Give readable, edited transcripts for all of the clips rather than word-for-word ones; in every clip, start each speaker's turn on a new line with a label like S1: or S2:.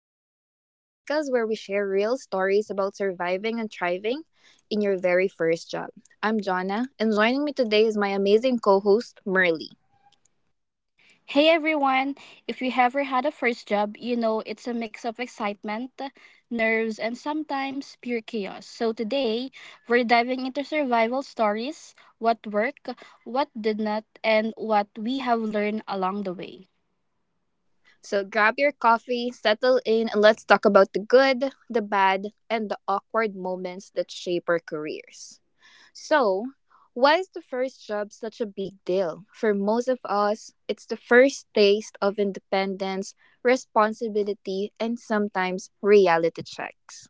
S1: today, the podcast where we share real stories about surviving and thriving in your very first job. I'm Jonna, and joining me today is my amazing co host, Merly.
S2: Hey everyone! If you ever had a first job, you know it's a mix of excitement, nerves, and sometimes pure chaos. So today, we're diving into survival stories, what worked, what did not, and what we have learned along the way.
S1: So grab your coffee, settle in, and let's talk about the good, the bad, and the awkward moments that shape our careers. So, why is the first job such a big deal? For most of us, it's the first taste of independence, responsibility, and sometimes reality checks.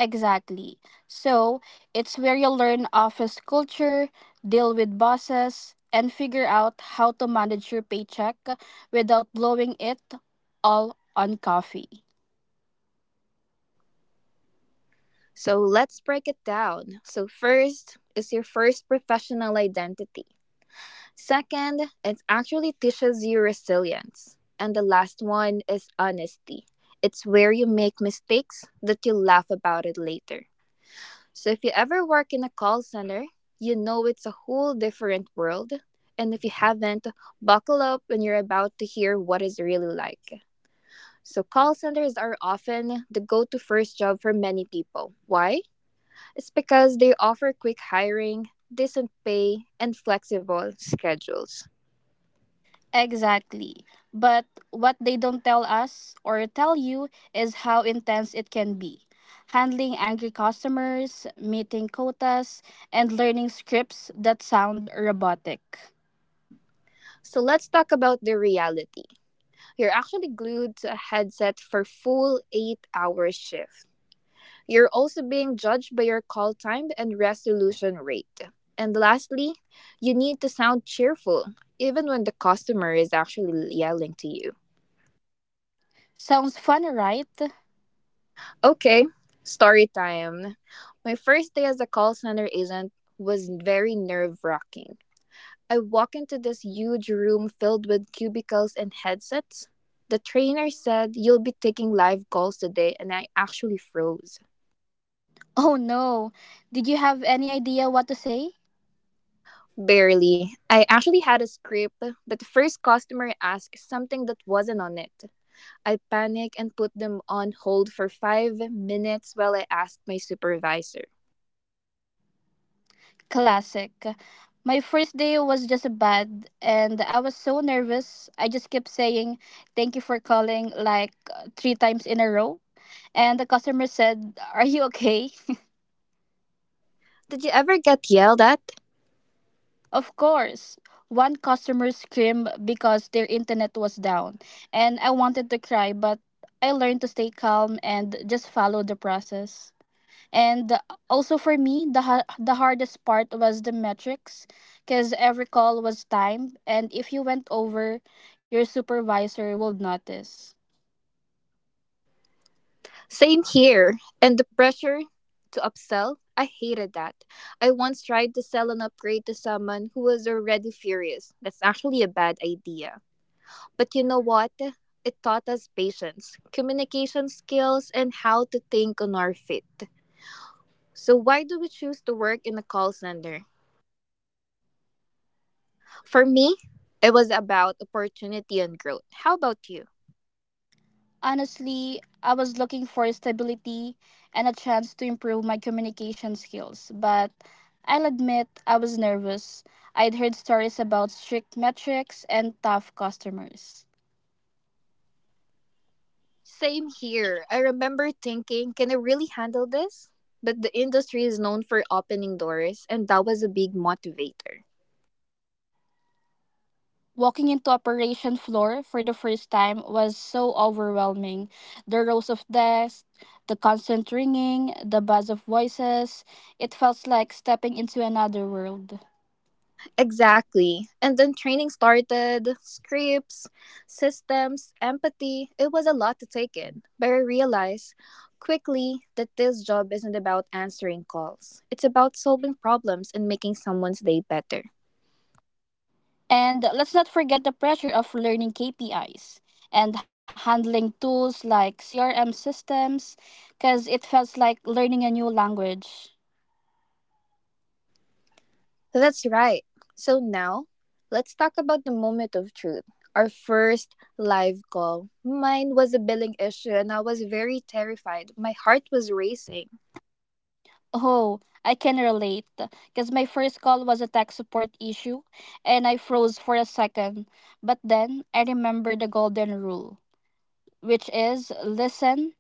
S2: Exactly. So it's where you learn office culture, deal with bosses, and figure out how to manage your paycheck without blowing it all on coffee.
S1: So, let's break it down. So, first is your first professional identity. Second, it actually teaches you resilience. And the last one is honesty. It's where you make mistakes that you laugh about it later. So if you ever work in a call center, you know it's a whole different world. And if you haven't, buckle up when you're about to hear what it's really like. So, call centers are often the go to first job for many people. Why? It's because they offer quick hiring, decent pay, and flexible schedules.
S2: Exactly. But what they don't tell us or tell you is how intense it can be. Handling angry customers, meeting quotas, and learning scripts that sound robotic.
S1: So, let's talk about the reality. You're actually glued to a headset for full 8 hour shift. You're also being judged by your call time and resolution rate. And lastly, you need to sound cheerful, even when the customer is actually yelling to you.
S2: Sounds fun, right?
S1: Okay, story time. My first day as a call center agent was very nerve wracking. I walk into this huge room filled with cubicles and headsets. The trainer said, "You'll be taking live calls today," and I actually froze.
S2: Oh no. Did you have any idea what to say?
S1: Barely. I actually had a script, but the first customer asked something that wasn't on it. I panicked and put them on hold for 5 minutes while I asked my supervisor.
S2: Classic. My first day was just bad and I was so nervous. I just kept saying thank you for calling like three times in a row. And the customer said, "Are you okay?"
S1: Did you ever get yelled at?
S2: Of course. One customer screamed because their internet was down, and I wanted to cry, but I learned to stay calm and just follow the process. And also for me, the hardest part was the metrics because every call was timed, and if you went over, your supervisor would notice.
S1: Same here. And the pressure to upsell? I hated that. I once tried to sell an upgrade to someone who was already furious. That's actually a bad idea. But you know what? It taught us patience, communication skills, and how to think on our feet. So, why do we choose to work in a call center? For me, it was about opportunity and growth. How about you?
S2: Honestly, I was looking for stability and a chance to improve my communication skills, but I'll admit I was nervous. I'd heard stories about strict metrics and tough customers.
S1: Same here. I remember thinking, can I really handle this? But the industry is known for opening doors, and that was a big motivator.
S2: Walking into operation floor for the first time was so overwhelming. The rows of desks, the constant ringing, the buzz of voices, it felt like stepping into another world.
S1: Exactly. And then training started, scripts, systems, empathy. It was a lot to take in. But I realized quickly that this job isn't about answering calls, it's about solving problems and making someone's day better.
S2: And let's not forget the pressure of learning KPIs and handling tools like CRM systems, because it feels like learning a new language.
S1: That's right. So now, let's talk about the moment of truth. Our first live call. Mine was a billing issue and I was very terrified. My heart was racing.
S2: Oh, I can relate, because my first call was a tech support issue, and I froze for a second. But then I remembered the golden rule, which is listen,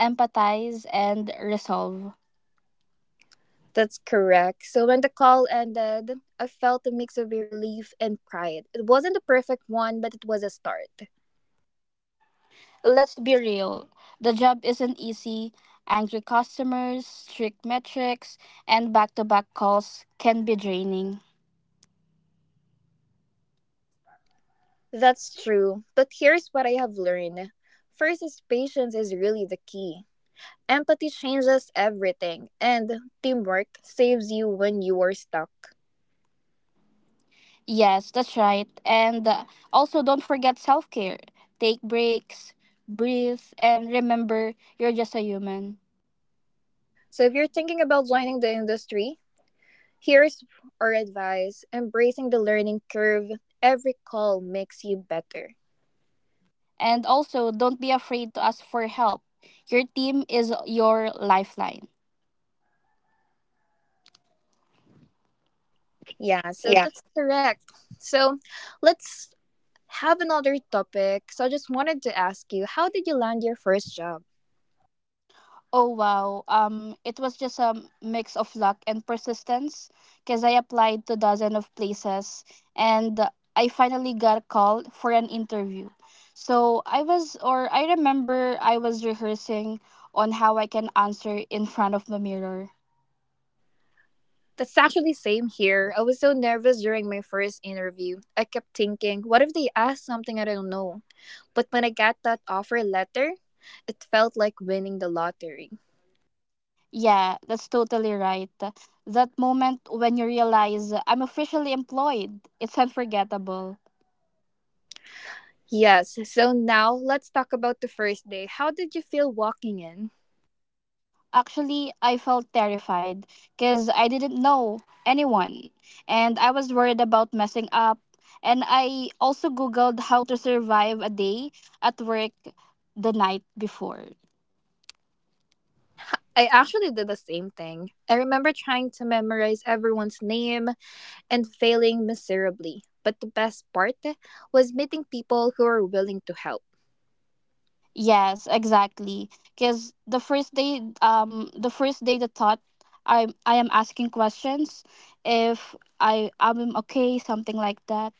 S2: empathize, and resolve.
S1: That's correct. So when the call ended, I felt a mix of relief and pride. It wasn't a perfect one, but it was a start.
S2: Let's be real. The job isn't easy. Angry customers, strict metrics, and back to back calls can be draining.
S1: That's true. But here's what I have learned. First is patience is really the key. Empathy changes everything, and teamwork saves you when you are stuck.
S2: Yes, that's right. And Also, don't forget self care. Take breaks, breathe, and remember you're just a human.
S1: So if you're thinking about joining the industry, here's our advice. Embracing the learning curve, every call makes you better.
S2: And also, don't be afraid to ask for help. Your team is your lifeline.
S1: Yeah, so that's correct. So let's have another topic. So I just wanted to ask you, how did you land your first job?
S2: Oh wow. It was just a mix of luck and persistence because I applied to dozen of places and I finally got called for an interview. So I was or I remember I was rehearsing on how I can answer in front of the mirror.
S1: That's actually same here. I was so nervous during my first interview. I kept thinking, what if they ask something I don't know? But when I got that offer letter, it felt like winning the lottery.
S2: Yeah, that's totally right. That moment when you realize I'm officially employed, it's unforgettable.
S1: Yes, so now let's talk about the first day. How did you feel walking in?
S2: Actually, I felt terrified because I didn't know anyone and I was worried about messing up. And I also Googled how to survive a day at work the night before.
S1: I actually did the same thing. I remember trying to memorize everyone's name, and failing miserably. But the best part was meeting people who were willing to help.
S2: Yes, exactly. Because the first day, the first day, the thought I am asking questions if I am okay, something like that.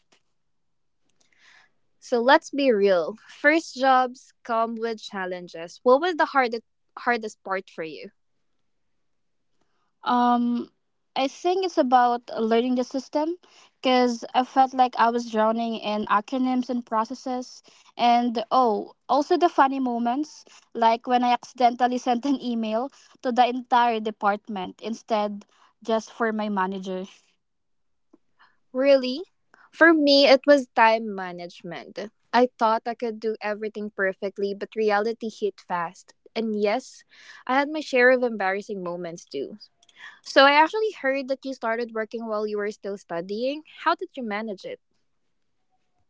S1: So let's be real. First jobs come with challenges. What was the hardest part for you?
S2: Um, I think it's about learning the system because I felt like I was drowning in acronyms and processes. And oh, also the funny moments, like when I accidentally sent an email to the entire department instead just for my manager.
S1: Really? For me, it was time management. I thought I could do everything perfectly, but reality hit fast. And yes, I had my share of embarrassing moments too. So I actually heard that you started working while you were still studying. How did you manage it?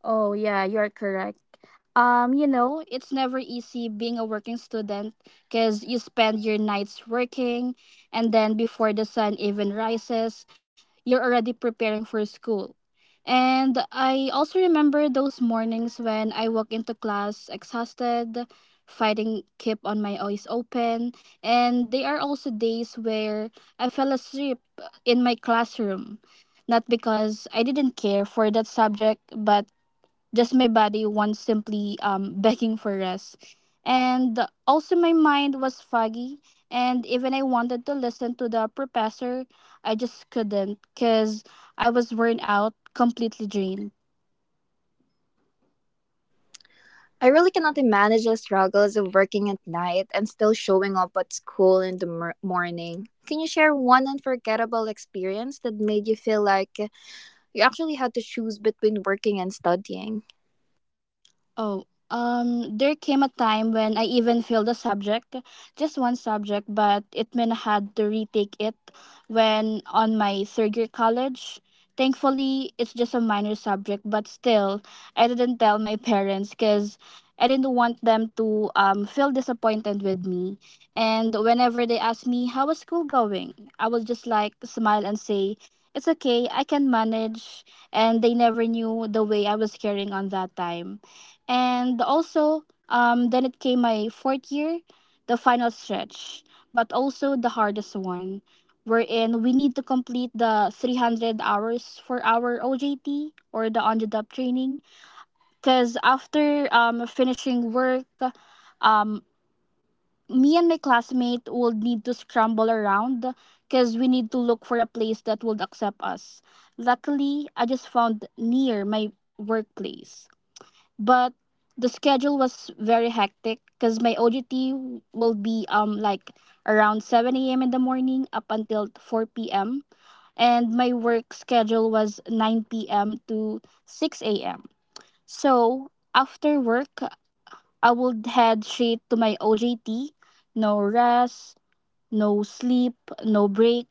S2: Oh, yeah, you're correct. You know, it's never easy being a working student because you spend your nights working, and then before the sun even rises, you're already preparing for school. And I also remember those mornings when I walk into class exhausted, fighting keep on my eyes open, and there are also days where I fell asleep in my classroom. Not because I didn't care for that subject, but just my body once simply begging for rest. And also, my mind was foggy, and even I wanted to listen to the professor, I just couldn't because I was worn out, completely drained.
S1: I really cannot imagine the struggles of working at night and still showing up at school in the morning. Can you share one unforgettable experience that made you feel like you actually had to choose between working and studying?
S2: Oh, there came a time when I even failed a subject, just one subject, but it meant I had to retake it when on my third year college. Thankfully, it's just a minor subject, but still, I didn't tell my parents because I didn't want them to feel disappointed with me. And whenever they asked me, "How was school going?" I was just like, smile and say, "It's okay, I can manage." And they never knew the way I was carrying on that time. And also, then it came my fourth year, the final stretch, but also the hardest one, wherein we need to complete the 300 hours for our OJT or the on the job training. Because after finishing work, um, me and my classmate will need to scramble around because we need to look for a place that would accept us. Luckily, I just found near my workplace but the schedule was very hectic because my OGT will be like around 7 a.m. in the morning up until 4 p.m. and my work schedule was 9 p.m. to 6 a.m. So after work, I would head straight to my OJT, no rest, no sleep, no break.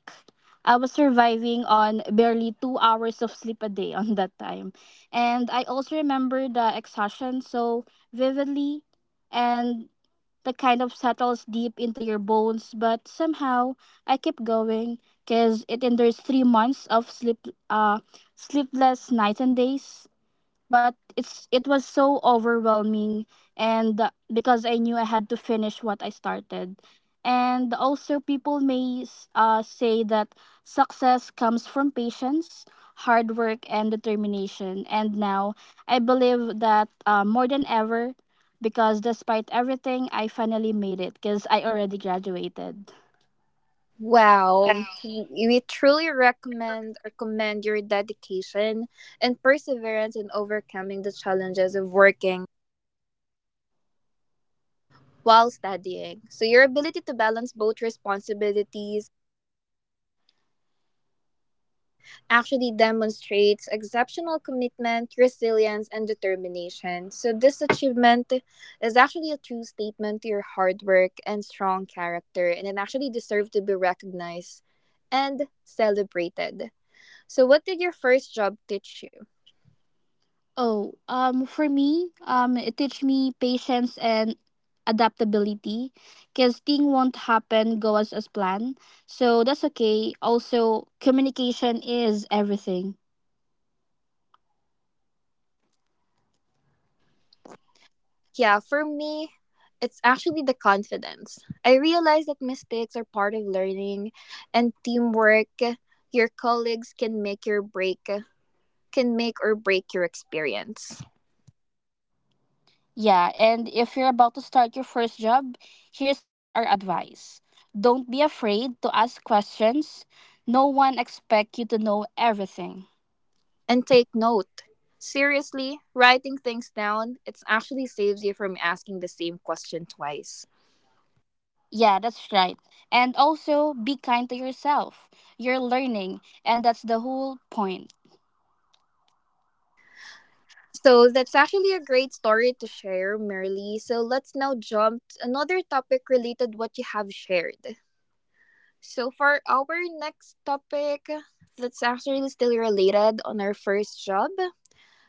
S2: I was surviving on barely 2 hours of sleep a day on that time. And I also remember the exhaustion so vividly and the kind of settles deep into your bones. But somehow I kept going because it endures 3 months of sleepless nights and days but it was so overwhelming and because I knew I had to finish what I started and also people may say that success comes from patience hard work and determination and now I believe that more than ever because despite everything I finally made it because I already graduated.
S1: Wow, we truly recommend or commend your dedication and perseverance in overcoming the challenges of working while studying. So, your ability to balance both responsibilities actually demonstrates exceptional commitment, resilience, and determination. So, this achievement is actually a true statement to your hard work and strong character, and it actually deserves to be recognized and celebrated. So, what did your first job teach you?
S2: Oh, for me, it teach me patience and adaptability, cause thing won't happen go as planned. So that's okay. Also, communication is everything.
S1: Yeah, for me, it's actually the confidence. I realized that mistakes are part of learning and teamwork. Your colleagues can make your break can make or break your experience.
S2: Yeah, and if you're about to start your first job, here's our advice: don't be afraid to ask questions. No one expect you to know everything.
S1: And take note. Seriously, writing things down, it actually saves you from asking the same question twice.
S2: Yeah, that's right. And also, be kind to yourself. You're learning, and that's the whole point.
S1: So that's actually a great story to share, Merly. So let's now jump to another topic related what you have shared. So for our next topic, that's actually still related on our first job.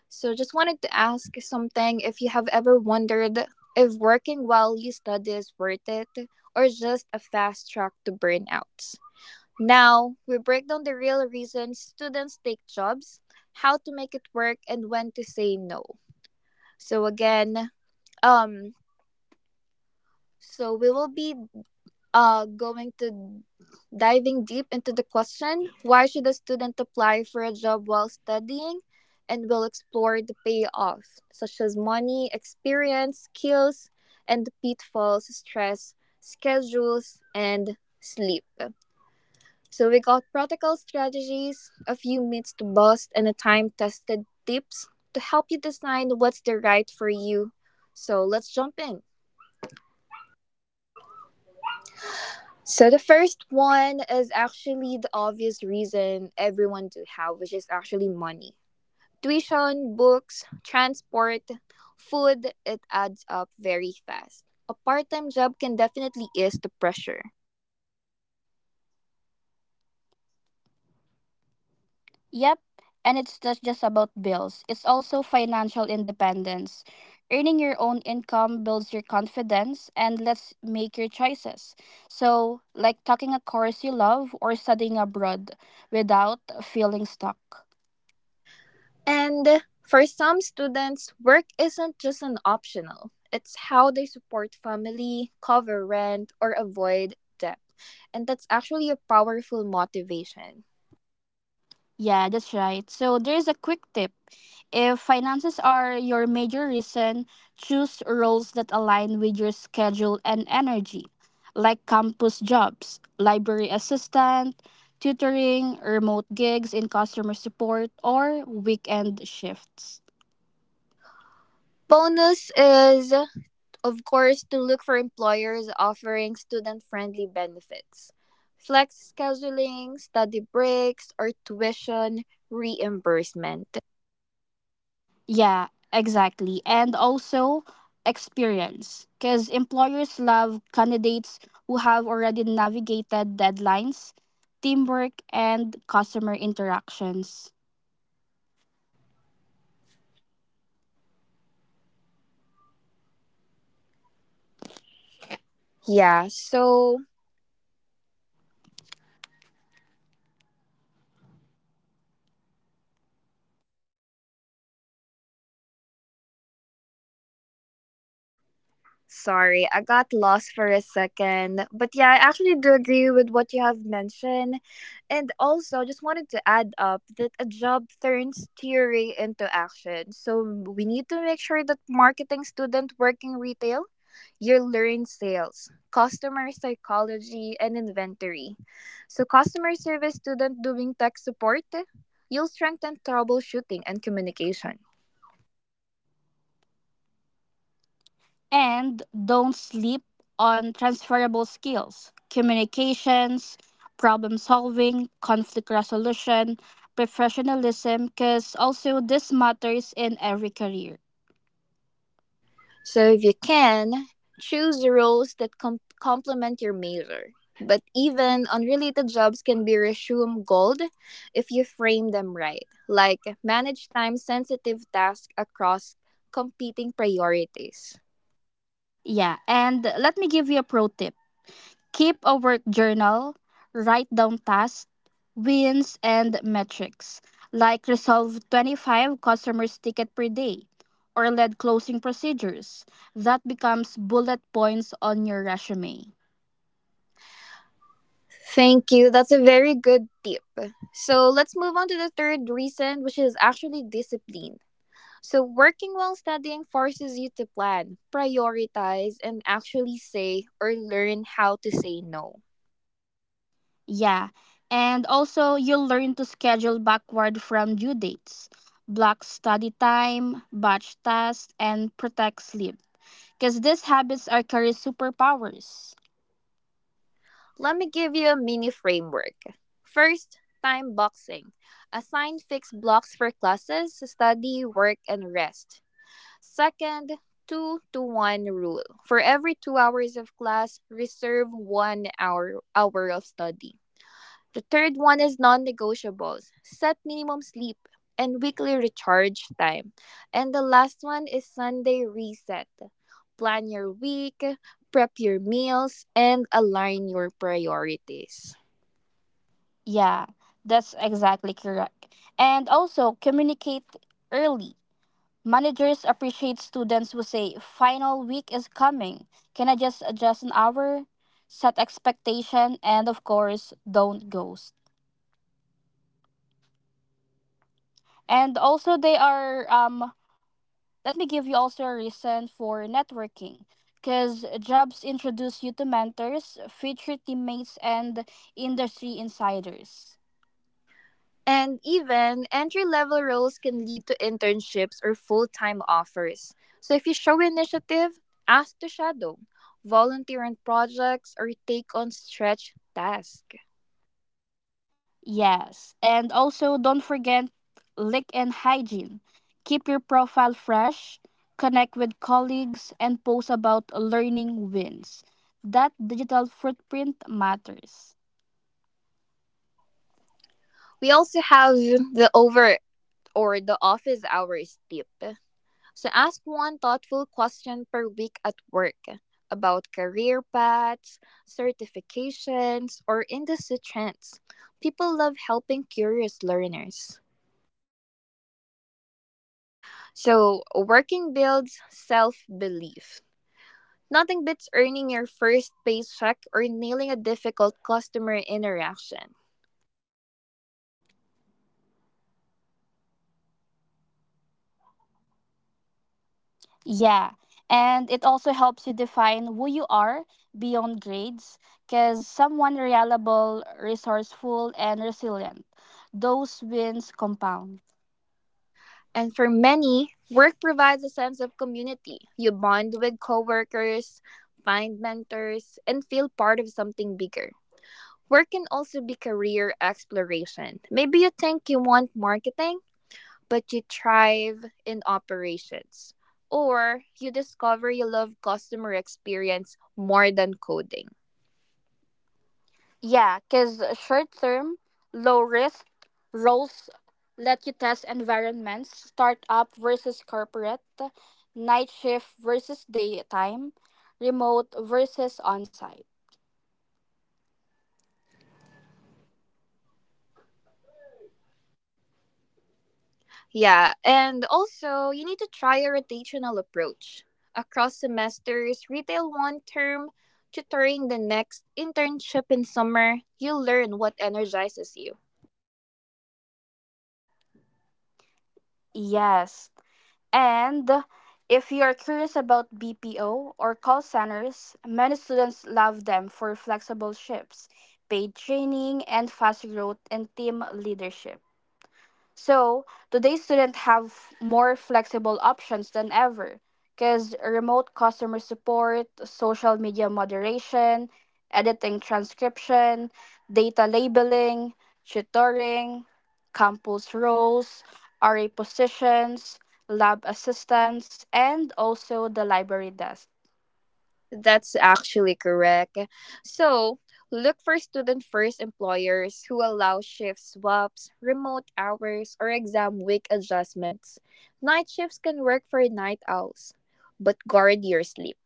S1: So just wanted to ask something if you have ever wondered if working while you study is worth it or just a fast track to burnout. Now, we break down the real reasons students take jobs, how to make it work, and when to say no. So again, um, so we will be going to diving deep into the question why should a student apply for a job while studying and we'll explore the payoff such as money experience skills and the pitfalls stress schedules and sleep. So we got practical strategies, a few myths to bust, and a time-tested tips to help you decide what's the right for you. So let's jump in. So the first one is actually the obvious reason everyone to have, which is actually money. Tuition, books, transport, food, it adds up very fast. A part-time job can definitely ease the pressure.
S2: Yep, and it's just about bills. It's also financial independence. Earning your own income builds your confidence and lets make your choices. So, like taking a course you love or studying abroad without feeling stuck.
S1: And for some students, work isn't just an optional, it's how they support family, cover rent, or avoid debt. And that's actually a powerful motivation.
S2: Yeah, that's right. So there's a quick tip. If finances are your major reason, choose roles that align with your schedule and energy, like campus jobs, library assistant, tutoring, remote gigs in customer support, or weekend shifts.
S1: Bonus is, of course, to look for employers offering student friendly benefits, flex scheduling, study breaks, or tuition reimbursement.
S2: Yeah, exactly. And also experience, because employers love candidates who have already navigated deadlines, teamwork, and customer interactions.
S1: Yeah, so sorry, I got lost for a second. But yeah, I actually do agree with what you have mentioned. And also, just wanted to add up that a job turns theory into action. So we need to make sure that marketing student working retail, you learn sales, customer psychology, and inventory. So customer service student doing tech support, you'll strengthen troubleshooting and communication.
S2: And don't sleep on transferable skills, communications, problem solving, conflict resolution, professionalism, because also this matters in every career.
S1: So if you can, choose the roles that complement your major. But even unrelated jobs can be resume gold if you frame them right, like manage time sensitive tasks across competing priorities.
S2: Yeah, and let me give you a pro tip. Keep a work journal, write down tasks, wins, and metrics, like resolve 25 customers' ticket per day or lead closing procedures. That becomes bullet points on your resume.
S1: Thank you. That's a very good tip. So let's move on to the third reason, which is actually discipline. So, working while studying forces you to plan, prioritize, and actually say or learn how to say no.
S2: Yeah, and also you'll learn to schedule backward from due dates, block study time, batch tasks, and protect sleep. Because these habits are career superpowers.
S1: Let me give you a mini framework. First, time boxing. Assign fixed blocks for classes, study, work, and rest. Second, two to one rule. For every 2 hours of class, reserve 1 hour, hour of study. The third one is non negotiables set minimum sleep and weekly recharge time. And the last one is Sunday reset plan your week, prep your meals, and align your priorities.
S2: Yeah, that's exactly correct. And also communicate early. Managers appreciate students who say, final week is coming. Can I just adjust an hour? Set expectation and of course, don't ghost. And also they are let me give you also a reason for networking. Because jobs introduce you to mentors, future teammates, and industry insiders.
S1: And even entry level roles can lead to internships or full time offers. So if you show initiative, ask to shadow, volunteer on projects, or take on stretch tasks.
S2: Yes, and also don't forget lick and hygiene. Keep your profile fresh, connect with colleagues, and post about learning wins. That digital footprint matters.
S1: We also have the over or the office hours tip. So ask one thoughtful question per week at work about career paths, certifications, or industry trends. People love helping curious learners. So, working builds self belief. Nothing beats earning your first paycheck or nailing a difficult customer interaction.
S2: Yeah, and it also helps you define who you are beyond grades because someone reliable, resourceful, and resilient. Those wins compound.
S1: And for many, work provides a sense of community. You bond with coworkers, find mentors, and feel part of something bigger. Work can also be career exploration. Maybe you think you want marketing, but you thrive in operations. Or you discover you love customer experience more than coding.
S2: Yeah, because short term, low risk roles let you test environments, startup versus corporate, night shift versus daytime, remote versus on site.
S1: Yeah, and also you need to try a rotational approach. Across semesters, retail one term, tutoring the next, internship in summer, you learn what energizes you.
S2: Yes. And if you are curious about BPO or call centers, many students love them for flexible shifts, paid training, and fast growth in team leadership. So today's students have more flexible options than ever because remote customer support, social media moderation, editing transcription, data labeling, tutoring, campus roles, RA positions, lab assistants, and also the library desk.
S1: That's actually correct. So, look for student first employers who allow shift swaps, remote hours, or exam week adjustments. Night shifts can work for night owls, but guard your sleep.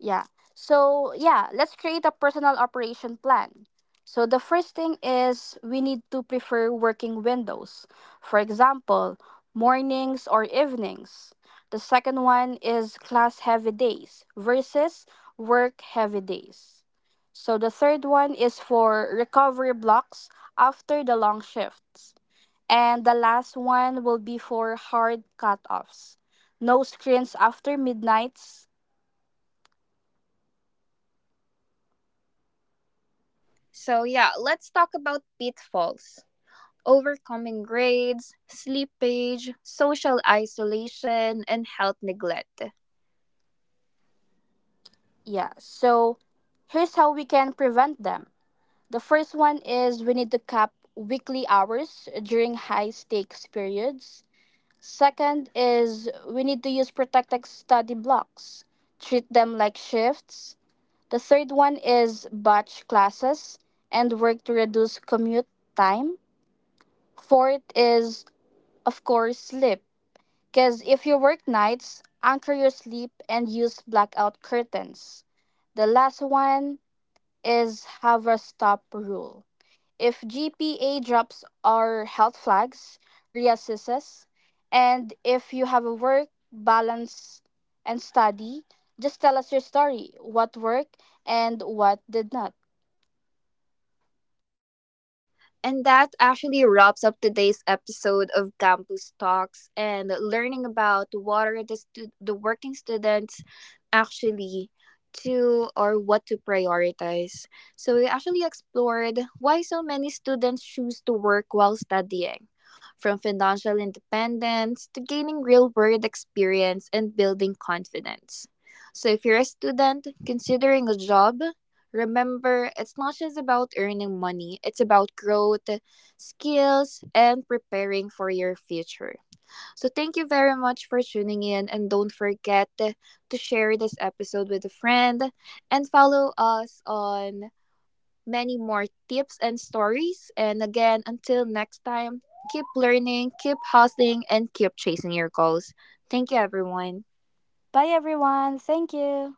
S2: Yeah. So, yeah, let's create a personal operation plan. So, the first thing is we need to prefer working windows. For example, mornings or evenings. The second one is class heavy days versus work heavy days. So, the third one is for recovery blocks after the long shifts. And the last one will be for hard cutoffs. No screens after midnights.
S1: So, yeah, let's talk about pitfalls. Overcoming grades, sleepage, social isolation, and health neglect.
S2: Yeah, so here's how we can prevent them. The first one is we need to cap weekly hours during high stakes periods. Second is we need to use protected study blocks, treat them like shifts. The third one is batch classes and work to reduce commute time. Fourth is, of course, sleep. Because if you work nights, anchor your sleep and use blackout curtains. The last one is have a stop rule. If GPA drops are health flags, reassesses, and if you have a work balance and study, just tell us your story, what worked and what did not.
S1: And that actually wraps up today's episode of Campus Talks and learning about what are the, the working students actually to or what to prioritize. So we actually explored why so many students choose to work while studying, from financial independence to gaining real world experience and building confidence. So if you're a student considering a job, remember, it's not just about earning money, it's about growth, skills, and preparing for your future. So, thank you very much for tuning in, and don't forget to share this episode with a friend and follow us on many more tips and stories. And again, until next time, keep learning, keep hustling, and keep chasing your goals. Thank you, everyone.
S2: Bye everyone. Thank you.